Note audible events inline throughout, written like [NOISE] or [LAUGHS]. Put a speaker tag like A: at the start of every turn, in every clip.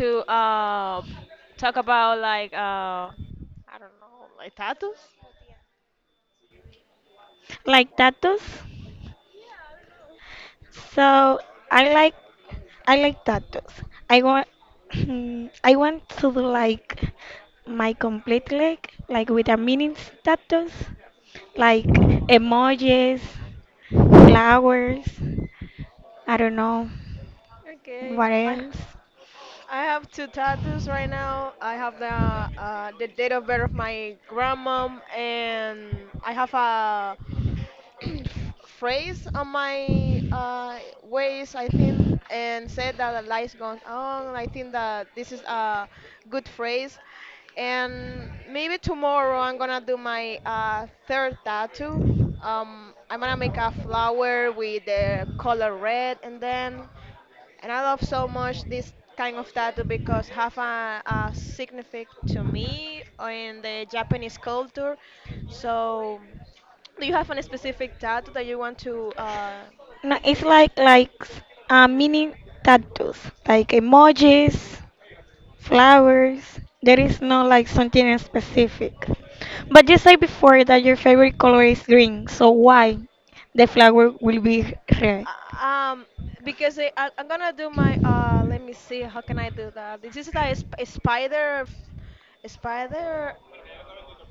A: to talk about like I don't know, like tattoos.
B: Like tattoos. So I like I like tattoos. I want [CLEARS THROAT] I want to do like my complete leg, like with a meaning tattoos, like emojis, flowers. I don't know.
A: Okay,
B: What
A: I
B: else?
A: I have two tattoos right now. I have the date of birth of my grandmom, and I have a [CLEARS THROAT] phrase on my waist, I think, and said that the lights gone on. I think that this is a good phrase. And maybe tomorrow I'm gonna do my third tattoo. I'm gonna make a flower with the color red, and then and I love so much this kind of tattoo because have a significant to me in the Japanese culture. So, do you have any specific tattoo that you want to
B: No, it's
A: do?
B: like mini tattoos, like emojis, flowers. There is no like something specific. But you said before that your favorite color is green, so why the flower will be red?
A: Uh, Um, because I'm gonna do my Let me see. How can I do that? This is like a, a spider, a spider,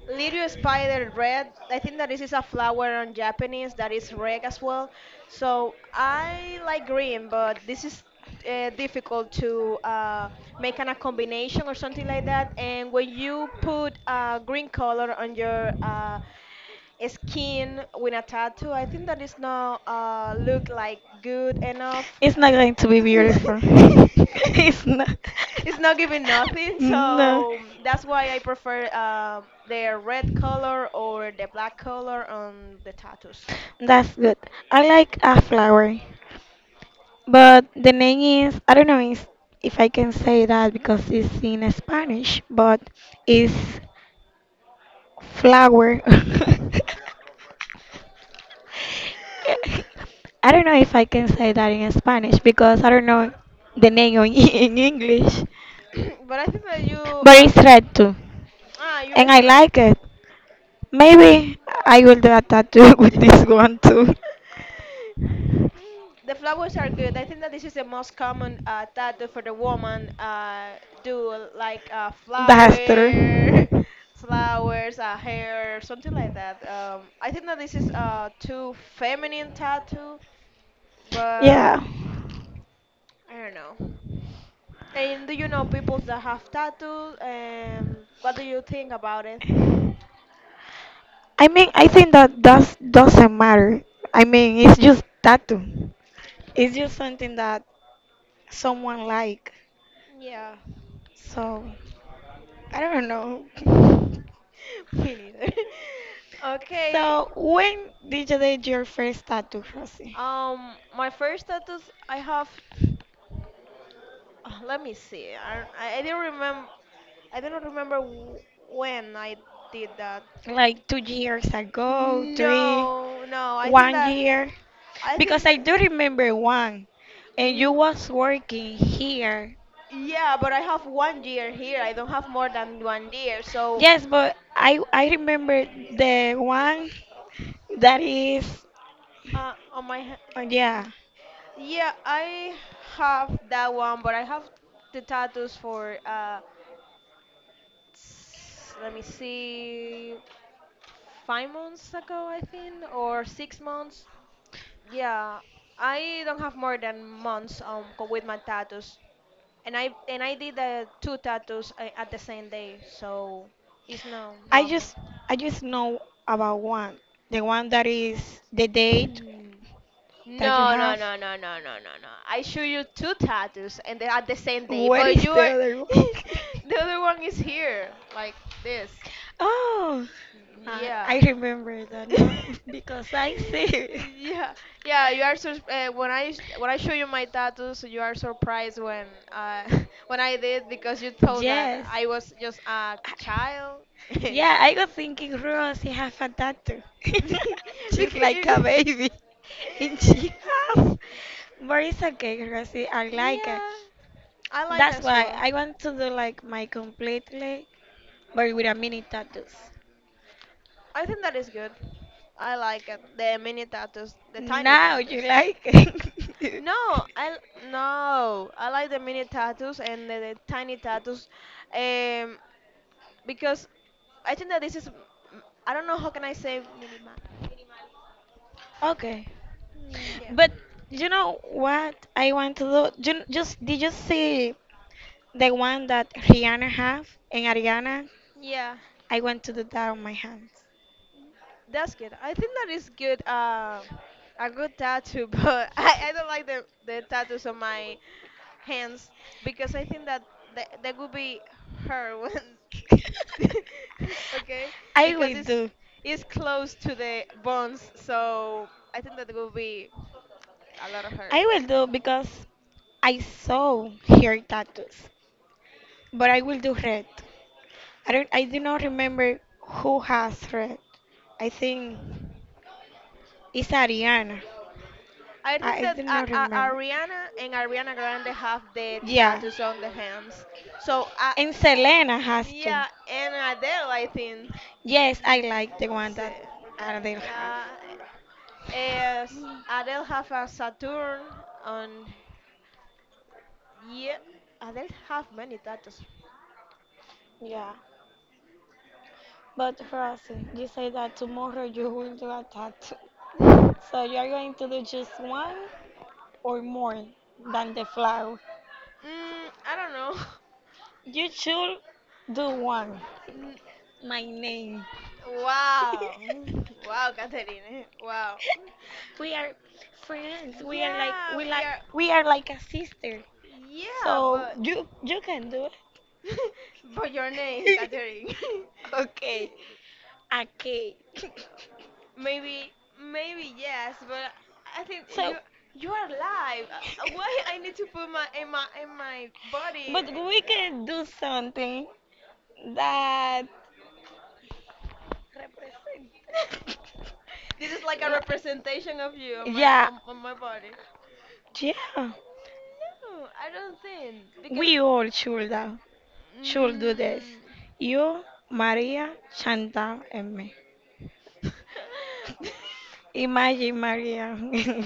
A: little spider red. I think that this is a flower in Japanese that is red as well. So I like green, but this is difficult to make kind of combination or something like that. And when you put green color on your skin with a tattoo, I think that is not look like good enough.
B: It's not going to be beautiful.
A: [LAUGHS]
B: [LAUGHS] It's not. [LAUGHS]
A: It's not giving nothing,
B: No,
A: so that's why I prefer the red color or the black color on the tattoos.
B: that's good. I like a flower. But the name is, I don't know if I can say that because it's in Spanish, but it's flower. [LAUGHS]
A: [COUGHS]
B: I don't know if I can say that in Spanish because I don't know the name in [LAUGHS] in English.
A: But I think that you
B: But it's red too.
A: you
B: And I
A: Ezra.
B: like it. Maybe I will do a tattoo [LAUGHS] with this one too.
A: [LAUGHS] Mm, the flowers are good. I think that this is the most common tattoo for the woman. Do like
B: That's
A: flower, [LAUGHS] flowers, hair, something like that. I think that this is too feminine tattoo, but
B: Yeah.
A: I don't know. And do you know people that have tattoos? And what do you think about it?
B: I mean, I think that doesn't matter. I mean, it's just tattoo. It's just something that someone like.
A: Yeah.
B: So I don't know. [LAUGHS]
A: [LAUGHS] Me neither. [LAUGHS] Okay.
B: So when did you get your first tattoo, Rosie?
A: My first tattoos I have. Let me see. I didn't remember. I do not remember when I did that.
B: Like 2 years ago, three,
A: No, no. I think
B: one
A: that have.
B: year?
A: I
B: Because
A: think
B: I
A: that.
B: do remember one, and you
A: w-
B: was working here.
A: Yeah, but I have 1 year here. I don't have more than 1 year. So
B: Yes, but I remember the one that is
A: on my.
B: yeah.
A: Yeah, I have that one, but I have the tattoos for Let me see. 5 months ago, I think, or 6 months. Yeah, I don't have more than months with my tattoos, and I did two tattoos at the same day, so it's no
B: I
A: longer.
B: just I just know about one. The one that is the date
A: [CLEARS THROAT]
B: that you
A: No, no,
B: have.
A: no, no, no, no, no, no. I show you two tattoos and they're at the same day,
B: Where
A: but
B: is
A: you
B: the
A: are
B: other
A: [LAUGHS]
B: one? [LAUGHS]
A: the other one is here, like this.
B: Oh,
A: Mm,
B: I,
A: yeah,
B: I remember that now
A: [LAUGHS]
B: [LAUGHS] because I see.
A: yeah, yeah, you are sur when I when I show you my tattoos, you are surprised when uh
B: [LAUGHS]
A: [LAUGHS] when I did, because you thought that
B: Yes.
A: I was just a child and
B: Yeah, I was thinking Rose, she have a tattoo. [LAUGHS]
A: [LAUGHS] the
B: She's like a
A: kid.
B: baby. [LAUGHS] And she has.
A: Yeah,
B: But it's okay, Rosie. I like it.
A: I like
B: That's
A: as
B: why
A: well.
B: I want to do like my completely, but with a mini tattoos.
A: I think that is good. I like it. The mini tattoos, the tiny
B: Now you
A: tattoos.
B: like it. [LAUGHS]
A: No, I l- no. I like the mini tattoos and the tiny tattoos. Um, because I think that this is I don't know how can I say minima.
B: Okay.
A: Mm, yeah,
B: But you know what I want to do? You, just did you see the one that Rihanna have and Ariana?
A: yeah,
B: I want to do that on my hands.
A: that's good. I think that is good. A good tattoo, [LAUGHS] but I don't like the tattoos on my hands because I think that that would be her [LAUGHS] when
B: [LAUGHS]
A: [LAUGHS] okay,
B: I
A: because
B: will
A: it's
B: do.
A: it's close to the bones, so I think that will be a lot of her.
B: I will do because I saw her tattoos, but I will do red. I don't. I do not remember who has red. I think it's Ariana.
A: I think
B: I
A: that
B: do not remember.
A: Ariana and Ariana Grande have the
B: Yeah,
A: tattoos on the hands. So,
B: and Selena has two.
A: yeah, and Adele, I think.
B: Yes, I like the one
A: So,
B: that Adele has.
A: yeah, is Adele have a Saturn on? Yeah, Adele have many tattoos. Yeah.
B: Yeah, but Rosie, you say that tomorrow you will do a tattoo. So you are going to do just one or more than the flower.
A: Mm, I don't know.
B: You should do one.
A: [LAUGHS] N-
B: My name.
A: Wow. [LAUGHS] Wow, Catherine, eh? Wow.
B: [LAUGHS] We are friends. We are like
A: Yeah,
B: we
A: we
B: like
A: are.
B: we are like a sister.
A: Yeah,
B: So
A: but
B: you can do
A: [LAUGHS] but your name,
B: it.
A: Catherine.
B: [LAUGHS] Okay. Okay. [LAUGHS]
A: [LAUGHS] Maybe, maybe yes, but I think
B: So
A: you are alive. Why I need to put my in my
B: [LAUGHS]
A: body?
B: but we can do something that
A: [LAUGHS] This is like a representation of you on my
B: yeah.
A: on my body.
B: Yeah.
A: No, I don't think because.
B: We all should do this.
A: Mm,
B: You, Maria, Chantal, and me.
A: [LAUGHS]
B: Imagine Maria. [LAUGHS]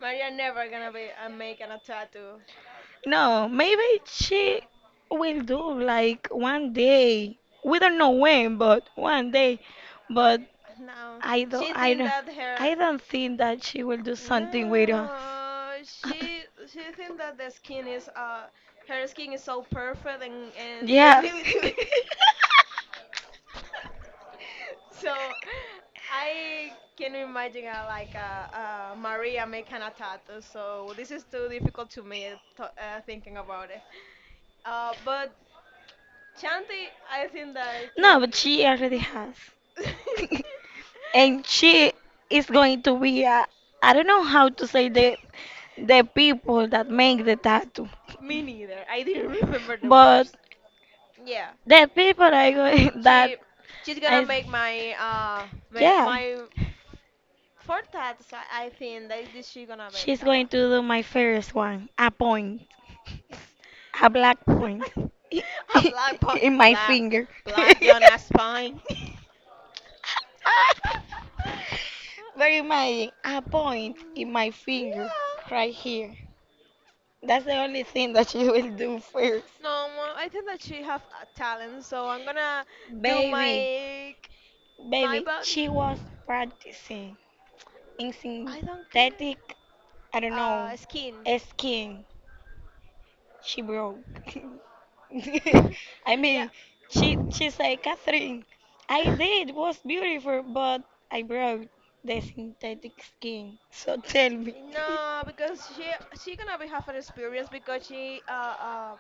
A: Maria never gonna be making a tattoo.
B: No, maybe she will do like one day. We don't know when, but one day. But
A: No,
B: I don't,
A: she
B: I
A: think
B: don't,
A: that
B: I
A: her.
B: don't think that she will do something with us.
A: No,
B: [LAUGHS]
A: she thinks that the skin is her skin is so perfect and they
B: Yeah.
A: need to. [LAUGHS]
B: [LAUGHS]
A: So I can imagine Maria making a tattoo. So this is too difficult to me to thinking about it. But Chanti, I think that can
B: No,
A: be
B: but
A: yes.
B: she already has.
A: Mm.
B: [LAUGHS] And she is going to be a, I don't know how to say the people that make the tattoo,
A: [LAUGHS] Me neither. I didn't [LAUGHS] remember the
B: but
A: words. Yeah.
B: the people are going [LAUGHS] that
A: she she's gonna
B: I
A: make my
B: yeah,
A: my forecast. I think that this she gonna make
B: she's
A: that
B: going
A: one.
B: to do my first one, a point, a
A: [LAUGHS]
B: black point
A: A
B: [LAUGHS]
A: black po-
B: in my
A: black
B: finger. [LAUGHS]
A: black Jonas Pine. [LAUGHS]
B: But imagine a point
A: Mm,
B: in my finger
A: yeah.
B: right here. That's the only thing that she will do first.
A: No, I think that she have a talent, so I'm gonna do
B: Baby,
A: my
B: baby,
A: body.
B: she was practicing in
A: I don't care.
B: synthetic, I don't know,
A: Skin.
B: skin. She broke.
A: [LAUGHS]
B: [LAUGHS] I
A: Yeah.
B: mean, she said, Catherine, I
A: [LAUGHS]
B: did was beautiful, but I broke the synthetic skin. So tell me. [LAUGHS]
A: No, because she gonna be have an experience because she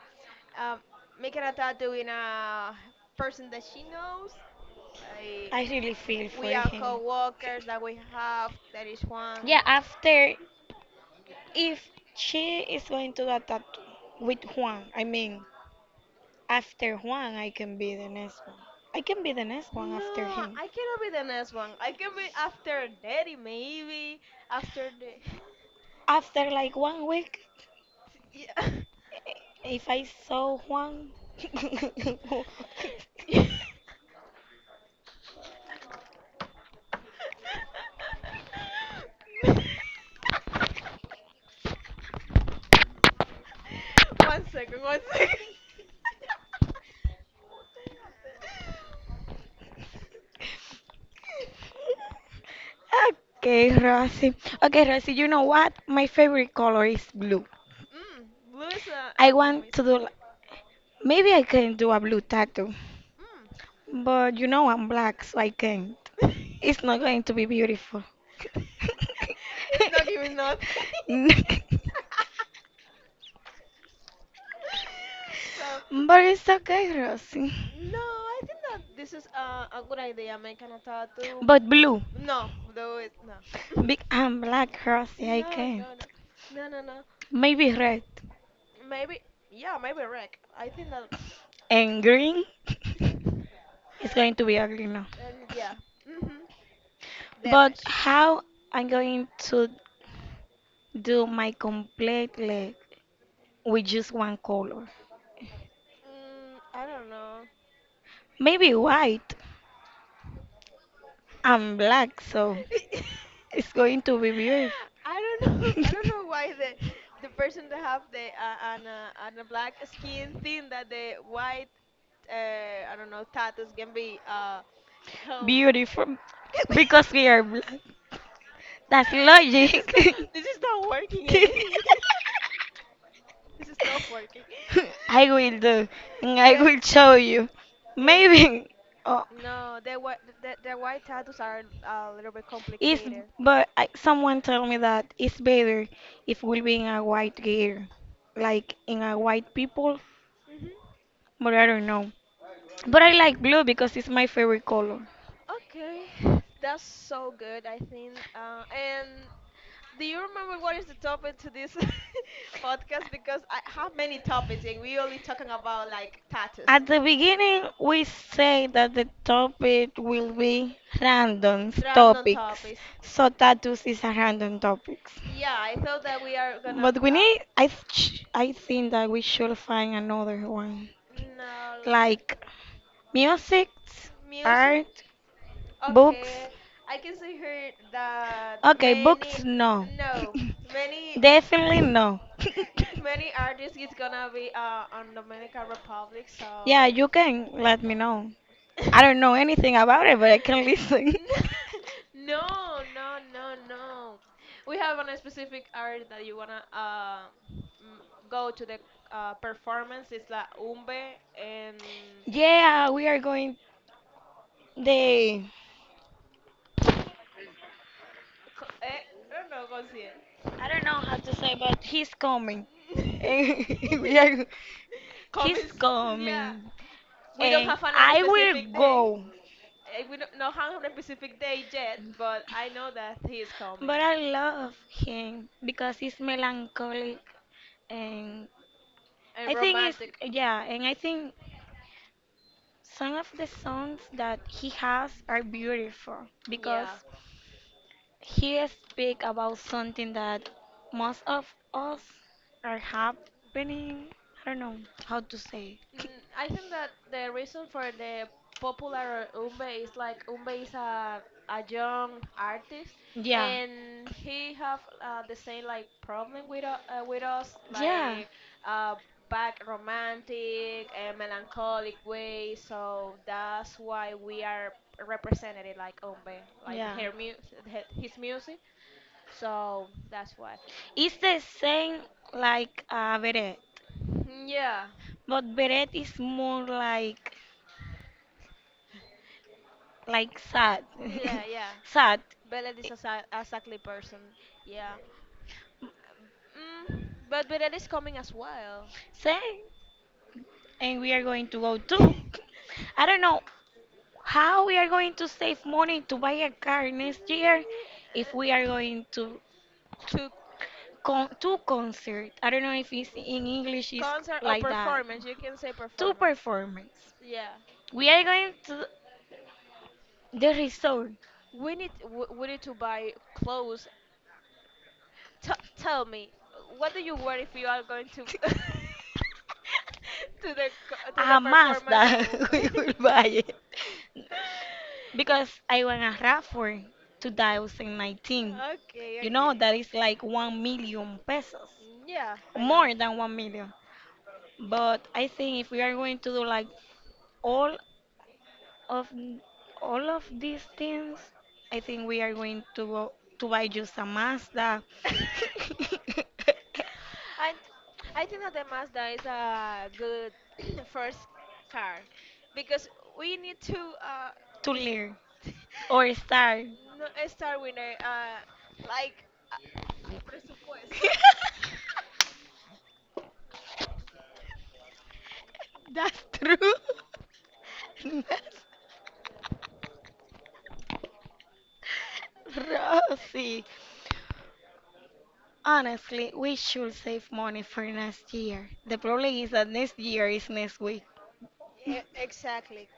A: um making a tattoo in a person that she knows.
B: I
A: Like
B: really feel for
A: we are
B: him. [LAUGHS]
A: co-workers that we have. That is one.
B: Yeah, after if she is going to get tattoo with Juan, I mean, after Juan, I can be the next one. I can be the next one after
A: No,
B: him.
A: I cannot be the next one. I can be after daddy, maybe after the
B: After like 1 week,
A: [LAUGHS] yeah.
B: if I saw Juan. [LAUGHS]
A: [LAUGHS] 1 second, 1 second. [LAUGHS]
B: Okay, Rosy. Okay, Rosy, you know what? My favorite color is blue.
A: Mm, blue is
B: I
A: an
B: want to
A: amazing.
B: do, maybe I can do a blue tattoo,
A: Mm.
B: but you know I'm black, so I can't. It's not going to be beautiful. [LAUGHS]
A: [LAUGHS] He's not giving nothing. [LAUGHS] So,
B: But it's okay, Rosie.
A: no, I think that this is a good idea, making a tattoo.
B: But blue,
A: No, blue is. No. [LAUGHS] No,
B: big and black, Rosie, I
A: no,
B: can't.
A: no. No, no, no.
B: Maybe red
A: Maybe. Yeah, maybe wreck. I think that.
B: and green.
A: [LAUGHS]
B: [LAUGHS]
A: And
B: It's going to be ugly now.
A: yeah. Hmm.
B: But
A: Damage.
B: how I'm going to do my complete leg with just one color?
A: Mm, I don't know.
B: Maybe white and black, so
A: [LAUGHS]
B: it's going to be weird. [LAUGHS]
A: I don't know. [LAUGHS] I don't know why the person that have the an a black skin think that the white uh, I don't know tattoos can be help.
B: Beautiful.
A: [LAUGHS] This
B: Because we are black. That's
A: is not,
B: logic.
A: this is not
B: [LAUGHS]
A: working anything. [LAUGHS] This is not working.
B: I will do, and I
A: The
B: will show you.
A: they
B: Maybe. Oh,
A: no the white the white tattoos are a little bit
B: it's
A: complicated.
B: but I, someone told me that it's better if we'll be in a white gear, like in a white people.
A: Hmm.
B: But I don't know. But I like blue because it's my favorite color.
A: Okay. [SIGHS] That's so good. I think, and do you remember what is the topic to this [LAUGHS] podcast? Because I have many topics and we only talking about like tattoos.
B: At the beginning, we say that the topic will be random
A: Random
B: topics.
A: topics.
B: So tattoos is a random topics.
A: Yeah, I thought that we are gonna
B: But we need, I think that we should find another one.
A: no like
B: Like music,
A: a music.
B: art, books.
A: Okay, I can see here that
B: Okay,
A: many,
B: books, no.
A: no, many
B: [LAUGHS]
A: m-
B: Definitely no.
A: [LAUGHS] many artists is gonna be on Dominican Republic.
B: [LAUGHS] Yeah,
A: So
B: you can let me know.
A: [LAUGHS]
B: I don't know anything about it, but I can listen.
A: [LAUGHS] no, no, no, no. We have on a specific area that you wanna m- go to the performance. It's la Umbe and
B: [LAUGHS] Yeah, we are going. The
A: eh, I don't know, Concien.
B: I don't know how to say, but he's coming. [LAUGHS]
A: [LAUGHS]
B: We are. He's
A: Comments, yeah.
B: coming,
A: We don't
B: and
A: have another
B: I will
A: specific day.
B: go.
A: Eh, we don't not have a specific day yet, but I know that he is coming.
B: But I love him because he's melancholic, and
A: And
B: I think it's
A: romantic,
B: yeah, and I think some of the songs that he has are beautiful because
A: yeah.
B: he speak about something that most of us are happening. I don't know how to say.
A: Mm,
B: [LAUGHS]
A: I think that the reason for the popular Umbe is like Umbe is a young artist
B: Yeah,
A: and he have the same like problem with us
B: yeah,
A: like uh, back romantic and melancholic way, so that's why we are represented like Umbe like
B: yeah.
A: his music, so that's why.
B: It's the same like a beret,
A: Mm, yeah,
B: but beret is more like sad,
A: yeah, yeah,
B: [LAUGHS] sad.
A: Bella is a exactly person. Yeah. Mm, but Birel is coming as well. [LAUGHS]
B: Same, and we are going to go too. I don't know how we are going to save money to buy a car next year if we are
A: Yeah.
B: going to
A: To
B: concert. I don't know if it's in English is
A: concert or
B: like that.
A: performance, you can say
B: To
A: performance.
B: performance.
A: Yeah.
B: We are going to the resort.
A: We need we need to buy clothes. T- Tell me, what do you wear if you are going to [LAUGHS] to the to the
B: A
A: performance
B: Mazda
A: of
B: [LAUGHS] we
A: Umbe?
B: will
A: [LAUGHS]
B: buy it because I want a RAV4 2019.
A: Okay,
B: You know
A: okay.
B: that is like 1 million pesos,
A: Yeah, I know.
B: more than 1 million. But I think if we are going to do like all of n- all of these things, I think we are going to buy just a Mazda
A: [LAUGHS]
B: [LAUGHS]
A: And I think that the Mazda is a good [CLEARS THROAT] first car because we need to
B: to
A: is
B: learn
A: [LAUGHS]
B: or start.
A: no, start with a like uh,
B: [LAUGHS] That's true. [LAUGHS] That's Rosie. Honestly, we should save money for next year. The problem is that next year is next week.
A: Exactly.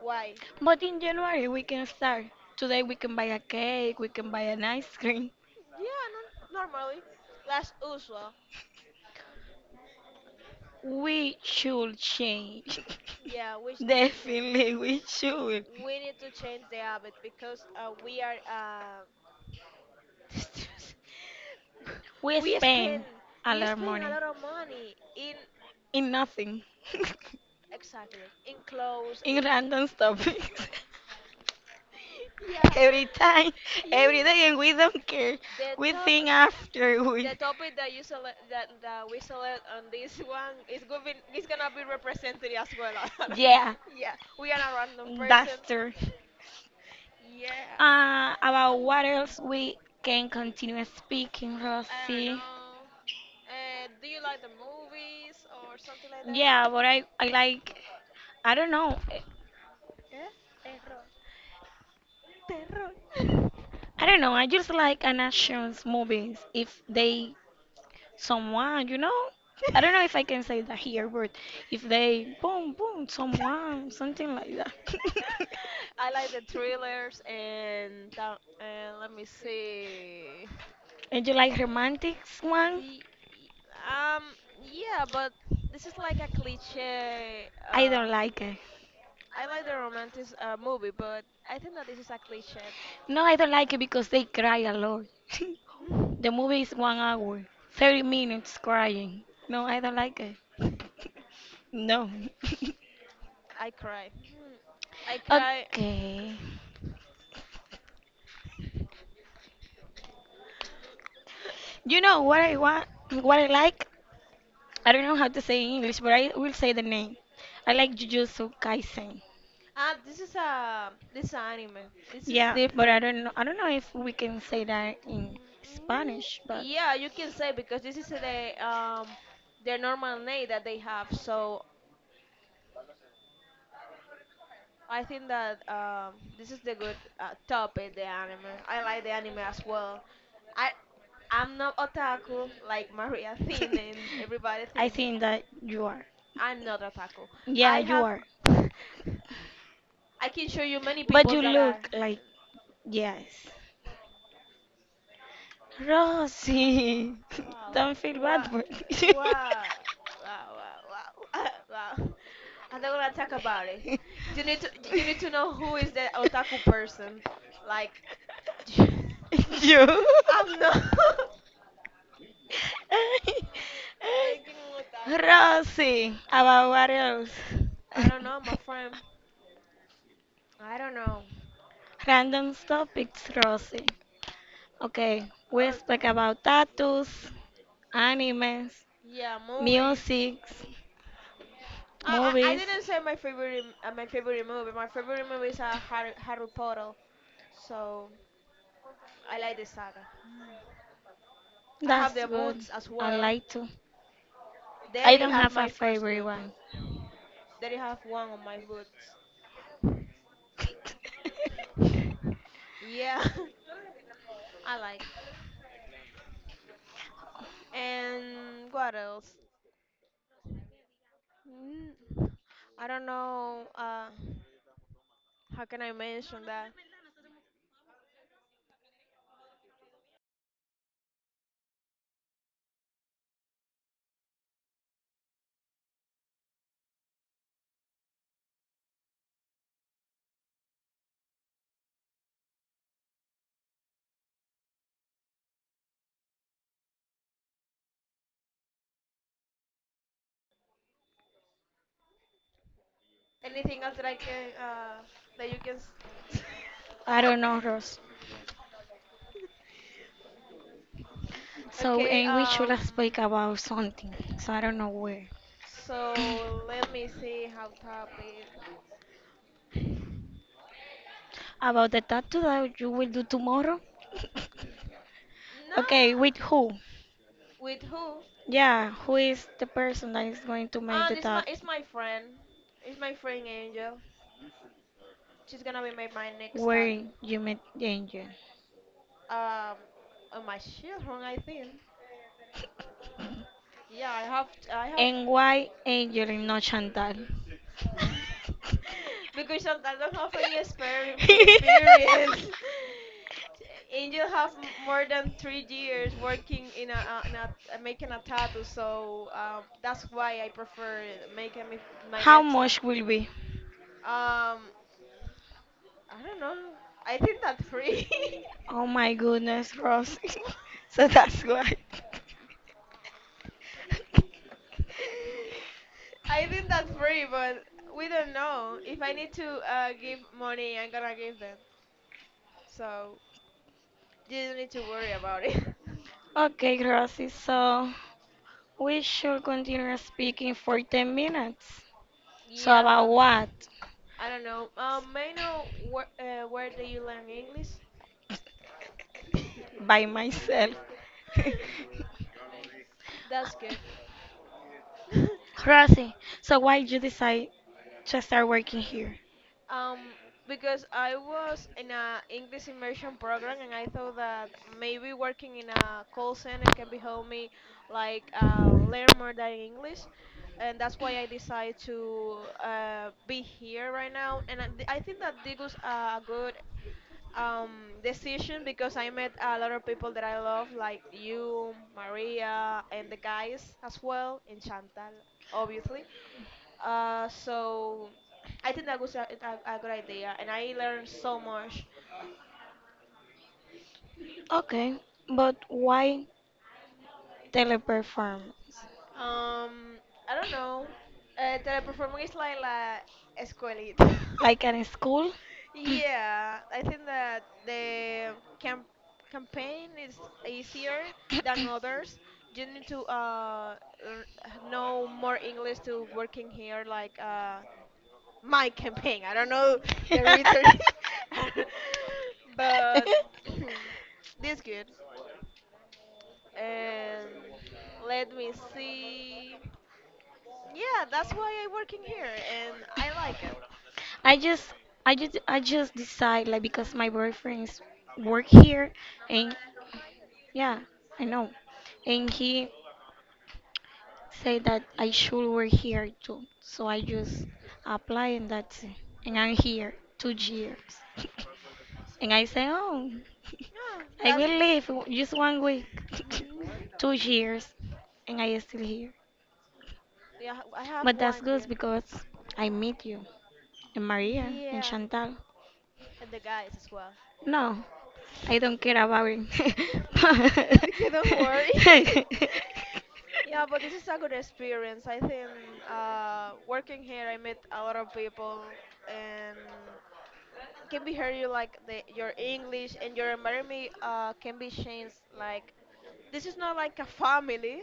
A: Why?
B: But in January, we can start. Today, we can buy a cake, we can buy an ice cream.
A: Yeah, no, normally last usual.
B: We should change.
A: Yeah, we
B: [LAUGHS]
A: need to change,
B: Definitely, we should.
A: we need to change the habit because we are [LAUGHS]
B: We
A: we
B: spend
A: spend
B: a
A: we
B: lot of
A: spend a
B: money
A: lot of money in.
B: in nothing,
A: Exactly. In clothes,
B: [LAUGHS] in
A: in
B: random topics.
A: [LAUGHS] yeah,
B: [LAUGHS] Every time, every day, and
A: yeah.
B: we don't care.
A: The
B: We
A: top,
B: think after we.
A: the
B: [LAUGHS]
A: topic that you select, that we select on this one is going to be, is gonna be represented as well. [LAUGHS]
B: Yeah,
A: Yeah, we are not random
B: that's
A: person.
B: true.
A: Yeah.
B: About what else we can continue speaking,
A: I don't
B: Rosie?
A: know. Do you like the movies or something like that?
B: Yeah, but I like, I don't know.
A: Yeah. Terror.
B: I don't know. I just like an actions movies. If they, someone, you know, I don't
A: [LAUGHS]
B: know if I can say that here, but if they, boom, boom, someone, something like that. [LAUGHS]
A: [LAUGHS] I
B: I
A: like the thrillers and that, and let me see.
B: and you like
A: Uh,
B: romantic one?
A: See, y- um, yeah, but this is like a cliche.
B: I don't like it.
A: I like the romantic movie, but I think that this is a cliche. [LAUGHS]
B: No, I don't like it because they cry a lot. [LAUGHS]
A: Mm,
B: The movie is 1 hour, 30 minutes crying. No, I don't like it. [LAUGHS] No. [LAUGHS]
A: I cry. [LAUGHS] Mm, I cry. [LAUGHS]
B: Okay. You know what I want, what I like? I don't know how to say in English, but I will say the name. I like Jujutsu Kaisen.
A: Ah, this is a, this is a anime. This is
B: Yeah, but I
A: different.
B: don't know. I don't know if we can say
A: Oh.
B: that in
A: Mm,
B: Spanish, but
A: yeah, you can say because this is the their normal name that they have. So I think that this is the good topic, the anime. I like the anime as well. I I'm not otaku like Maria [LAUGHS] thinks and everybody
B: [LAUGHS] I
A: thinks.
B: think that you are.
A: I'm not otaku. I
B: Yeah, you
A: have
B: are.
A: [LAUGHS] I can show you many
B: But
A: people
B: you
A: that are.
B: look like yes. Rosie, [LAUGHS]
A: Wow,
B: don't feel
A: wow,
B: bad for me. [LAUGHS]
A: wow, wow, wow, wow. [LAUGHS] Wow. I'm not [LAUGHS] gonna talk about it. You need to know who is the otaku person. Like, [LAUGHS] I'm
B: You?
A: not. [LAUGHS]
B: Rosie, about what else? [LAUGHS]
A: I don't know, my friend. I don't know.
B: Random topics, Rosie. Okay, we
A: Uh,
B: speak
A: okay.
B: about tattoos, animes,
A: yeah, movies.
B: music,
A: I
B: movies.
A: didn't say my favorite movie. My favorite movie is Harry Potter. So I like the saga. I have
B: That's
A: the
B: good.
A: boots as
B: I
A: well.
B: like to. I
A: Daddy
B: don't
A: have
B: have a
A: my first
B: favorite
A: good boot.
B: one.
A: Daddy have one of my boots.
B: [LAUGHS]
A: Yeah, [LAUGHS] I like. And what else? Mm, I don't know. How can I mention that? Anything else that I can that you can?
B: I don't know, Ross.
A: [LAUGHS]
B: So,
A: Okay.
B: and we should speak about something. So I don't know where.
A: So let me see how top it.
B: About the tattoo that you will do tomorrow. [LAUGHS] Okay,
A: Nah,
B: with who?
A: with who?
B: Yeah, who is the person that is going to make the
A: And it's my
B: tattoo?
A: friend. It's my friend Angel. She's gonna be my, next
B: Where
A: tattoo.
B: you met Angel?
A: Um, on my children, I think. Yeah, I have I have
B: And why Angel and not Chantal?
A: [LAUGHS] because I don't have any experience. [LAUGHS]
B: [LAUGHS]
A: Angel have more than 3 years working in a making a tattoo, so that's why I prefer making me, my
B: How
A: next.
B: much will be?
A: Um, I don't know. I think that's free.
B: Oh my goodness, Rosie. [LAUGHS] So
A: [LAUGHS]
B: that's why. [LAUGHS]
A: I think that's free, but we don't know. If I need to give money, I'm gonna give them. So you don't need to worry about it. [LAUGHS]
B: Okay, Rosie, so we should continue speaking for 10 minutes. So, about
A: Yeah,
B: what?
A: I don't know. May I know where do you learn English?
B: By myself.
A: [LAUGHS]
B: [LAUGHS]
A: That's good. [LAUGHS]
B: Rosie, so why you decide to start working here?
A: Um, because I was in a English immersion program, and I thought that maybe working in a call center can be help me like learn more than English, and that's why I decided to be here right now. And I think that this was a good decision because I met a lot of people that I love, like you, Maria, and the guys as well, and Chantal, obviously. So I think that was a good idea, and I learned so much.
B: Okay, but why teleperformance?
A: Um, I don't know. Teleperforming is like la escuelita. [LAUGHS]
B: Like at a school?
A: Yeah, I think that the camp campaign is easier than others. You need to learn- know more English to working here, like my campaign. I don't know the return, [LAUGHS] but
B: [LAUGHS]
A: [CLEARS THROAT] this good. And let me see. Yeah, that's why I working here, and I like it.
B: I just I just decide like because my boyfriend's work here and yeah, I know. And he said that I should work here too. So I just apply and that's it. And I'm here 2 years. [LAUGHS] And I say, oh
A: Yeah,
B: [LAUGHS] I
A: that's.
B: will
A: [LAUGHS]
B: leave just 1 week. [LAUGHS]
A: Mm,
B: 2 years and I am still here.
A: Yeah, I have
B: But that's
A: one
B: good
A: year.
B: because I meet you. And Maria and
A: Yeah,
B: Chantal.
A: and the guys as well.
B: No, I don't care about it.
A: [LAUGHS] They don't worry.
B: [LAUGHS]
A: [LAUGHS] Yeah, but this is a good experience. I think working here, I met a lot of people, and can be heard you like the your English and your environment can be changed. Like, this is not like a family.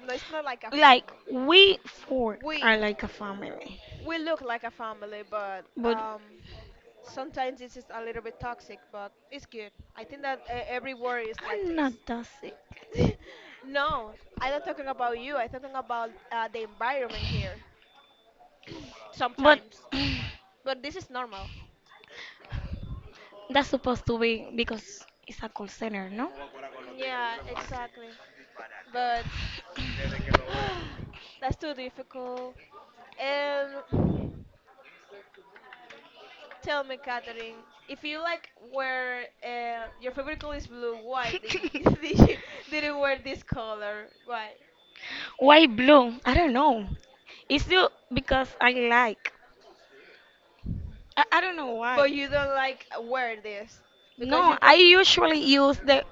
A: No, it's not like a
B: Like
A: family.
B: we four are
A: We
B: like a family,
A: we look like a family, but
B: but
A: sometimes this is a little bit toxic. But it's good. I think that every word is like
B: I'm not
A: this.
B: that sick.
A: [LAUGHS] No, I'm not talking about you. I'm talking about the environment here.
B: But
A: Sometimes,
B: [SIGHS] [CLEARS THROAT]
A: but this is normal.
B: that's supposed to be because it's a call center, no?
A: Yeah, exactly. But [SIGHS] that's too difficult. And tell me, Catherine, if you like wear your favorite color is blue, why did you,
B: [LAUGHS]
A: [LAUGHS] did
B: [LAUGHS]
A: you didn't wear this color? Why?
B: Why? Why blue? I don't know. It's blue because I like. I don't know why.
A: But you don't like wear this because
B: No,
A: you
B: I
A: prefer
B: usually use the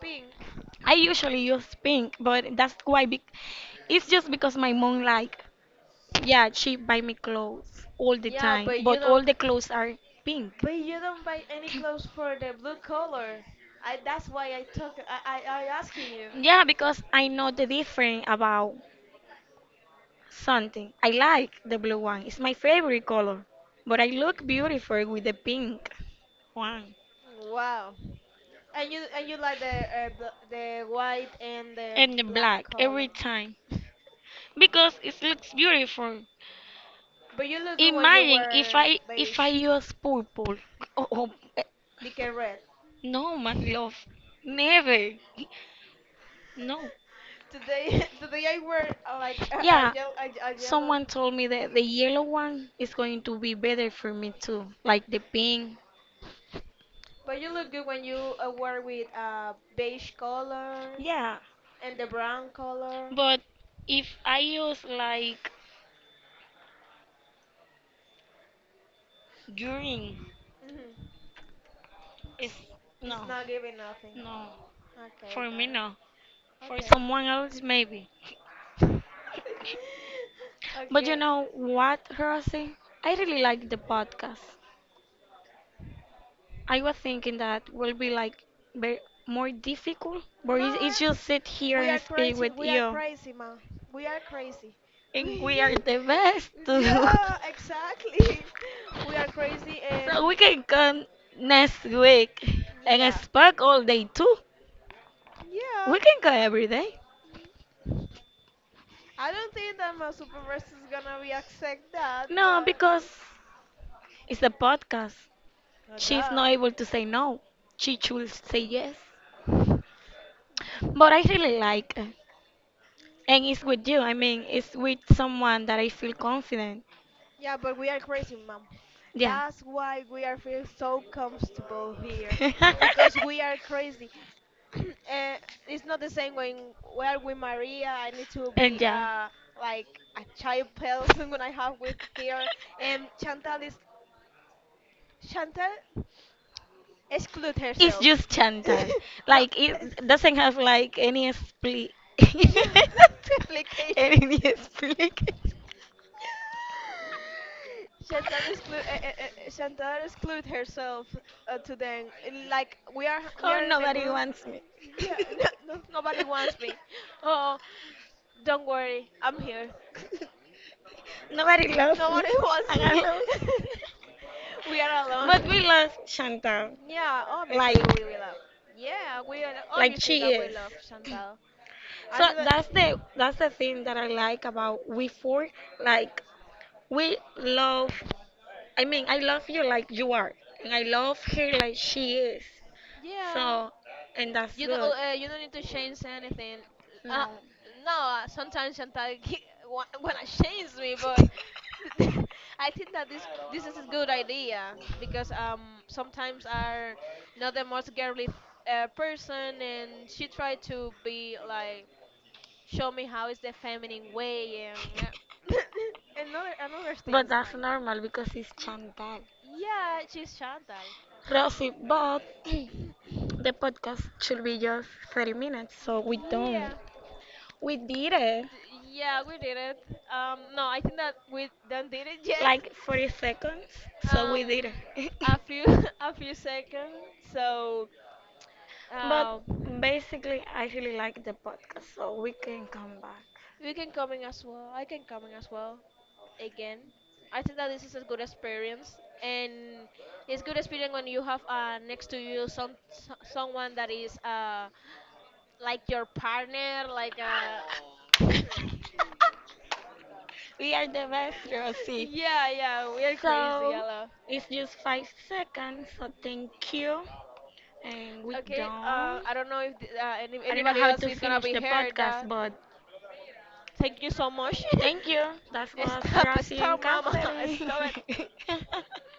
A: pink.
B: I usually use pink, but that's why bec it's just because my mom like yeah, she buy me clothes all the
A: Yeah,
B: time,
A: but you
B: but all
A: don't.
B: the clothes are pink.
A: But you don't buy any clothes for the blue color. I that's why I talk. I asking you.
B: Yeah, because I know the difference about something. I like the blue one. It's my favorite color. But I look beautiful with the pink one
A: Wow. And you like the the white and the
B: and the
A: black
B: black
A: color.
B: every time
A: [LAUGHS] Yeah.
B: because it looks beautiful.
A: But you look good when you
B: Imagine if
A: wear
B: I
A: beige,
B: use purple. Oh, oh,
A: decay red.
B: no, my love, never. No.
A: Today [LAUGHS] today I wear like [LAUGHS]
B: Yeah,
A: yellow, a yellow.
B: someone told me that the yellow one is going to be better for me too, like the pink.
A: But you look good when you wear with beige color
B: Yeah,
A: and the brown color.
B: but if I use like urine,
A: Hmm.
B: it's
A: It's, it's
B: no,
A: not giving nothing.
B: no,
A: Okay,
B: for me
A: got it.
B: no, for
A: Okay.
B: someone else maybe.
A: [LAUGHS]
B: But you
A: Okay.
B: know what, Rosie? I really like the podcast. I was thinking that will be like very, more difficult, but
A: No,
B: it's just sit here
A: we
B: and
A: are
B: speak
A: crazy.
B: with
A: We are
B: you,
A: crazy, ma. We are crazy. [LAUGHS]
B: and we are the best to do.
A: Yeah, exactly. [LAUGHS] We are crazy,
B: [LAUGHS] So we
A: and
B: can come next week and
A: yeah,
B: speak all day too.
A: yeah.
B: We can go every day.
A: I don't think that my supervisor is gonna be accept that,
B: No,
A: but
B: because
A: it's
B: it's a podcast. She's
A: duh.
B: not able to say no. She should say yes. But I really like it. And it's with you. I mean, it's with someone that I feel confident.
A: Yeah, but we are crazy, mom.
B: Yeah.
A: That's why we are feel so comfortable here, because we
B: [LAUGHS]
A: are crazy. [CLEARS THROAT] uh, it's not the same when we're with Maria. I need to
B: And
A: be
B: yeah.
A: like a child person [LAUGHS] when I have with her. And Chantal is Chantal exclude
B: It's
A: herself.
B: just
A: [LAUGHS]
B: Chantal.
A: No,
B: Like it
A: it's-
B: doesn't have like any split.
A: yeah, [LAUGHS]
B: [LAUGHS]
A: application.
B: Any explication.
A: Chantal exclude herself to them. And, like, we
B: Oh,
A: are in a
B: nobody
A: group.
B: wants me.
A: Yeah, [LAUGHS] no, no, nobody wants me.
B: [LAUGHS]
A: Oh, don't worry, I'm here.
B: Nobody loves me.
A: Nobody wants
B: And I
A: me. [LAUGHS]
B: love
A: We are
B: but we
A: alone.
B: love Chantal.
A: Yeah, obviously
B: Like
A: we will love. Yeah, we are
B: like
A: obviously
B: she
A: that we
B: is.
A: love Chantal. I
B: So
A: said
B: that's
A: that.
B: the thing that I like about we four. Like we love I love you like you are. And I love her like she is.
A: Yeah,
B: So and that's
A: you don't.
B: good.
A: You don't need to change anything. Uh,
B: No.
A: no, sometimes Chantal [LAUGHS] wanna change me, but [LAUGHS] I think that this is a good idea because sometimes are not the most girly person, and she tried to be like show me how is the feminine way and [LAUGHS] and other
B: But
A: things
B: that's
A: like
B: normal because it's Chantal.
A: yeah she's Chantal
B: Rosie, but [CLEARS THROAT] the podcast should be just 30 minutes, so we don't.
A: yeah
B: We did it.
A: Yeah we did it no I think that we don't did it yet
B: Like
A: [LAUGHS]
B: 40 seconds. So we
A: um
B: did it.
A: a few [LAUGHS] a few seconds so
B: [LAUGHS] But
A: um
B: basically, I really like the podcast, so we can
A: yeah
B: come back.
A: we can come in as well I can come in as well again I think that this is a good experience and it's good experience when you have next to you some someone that is like your partner, like a. [LAUGHS]
B: We are the best, Rosie.
A: Yeah, yeah, we are crazy,
B: So
A: Ella.
B: it's just 5 seconds. So thank you. And we
A: Okay,
B: done.
A: I don't know if
B: I don't know
A: anybody
B: how
A: else
B: to
A: is gonna
B: finish
A: be
B: the
A: here.
B: podcast,
A: That
B: but
A: thank you so much.
B: thank you. That
A: [LAUGHS]
B: was
A: Stop,
B: Rosie
A: stop,
B: and
A: mama, [LAUGHS]
B: Catherine.
A: stop it.
B: [LAUGHS]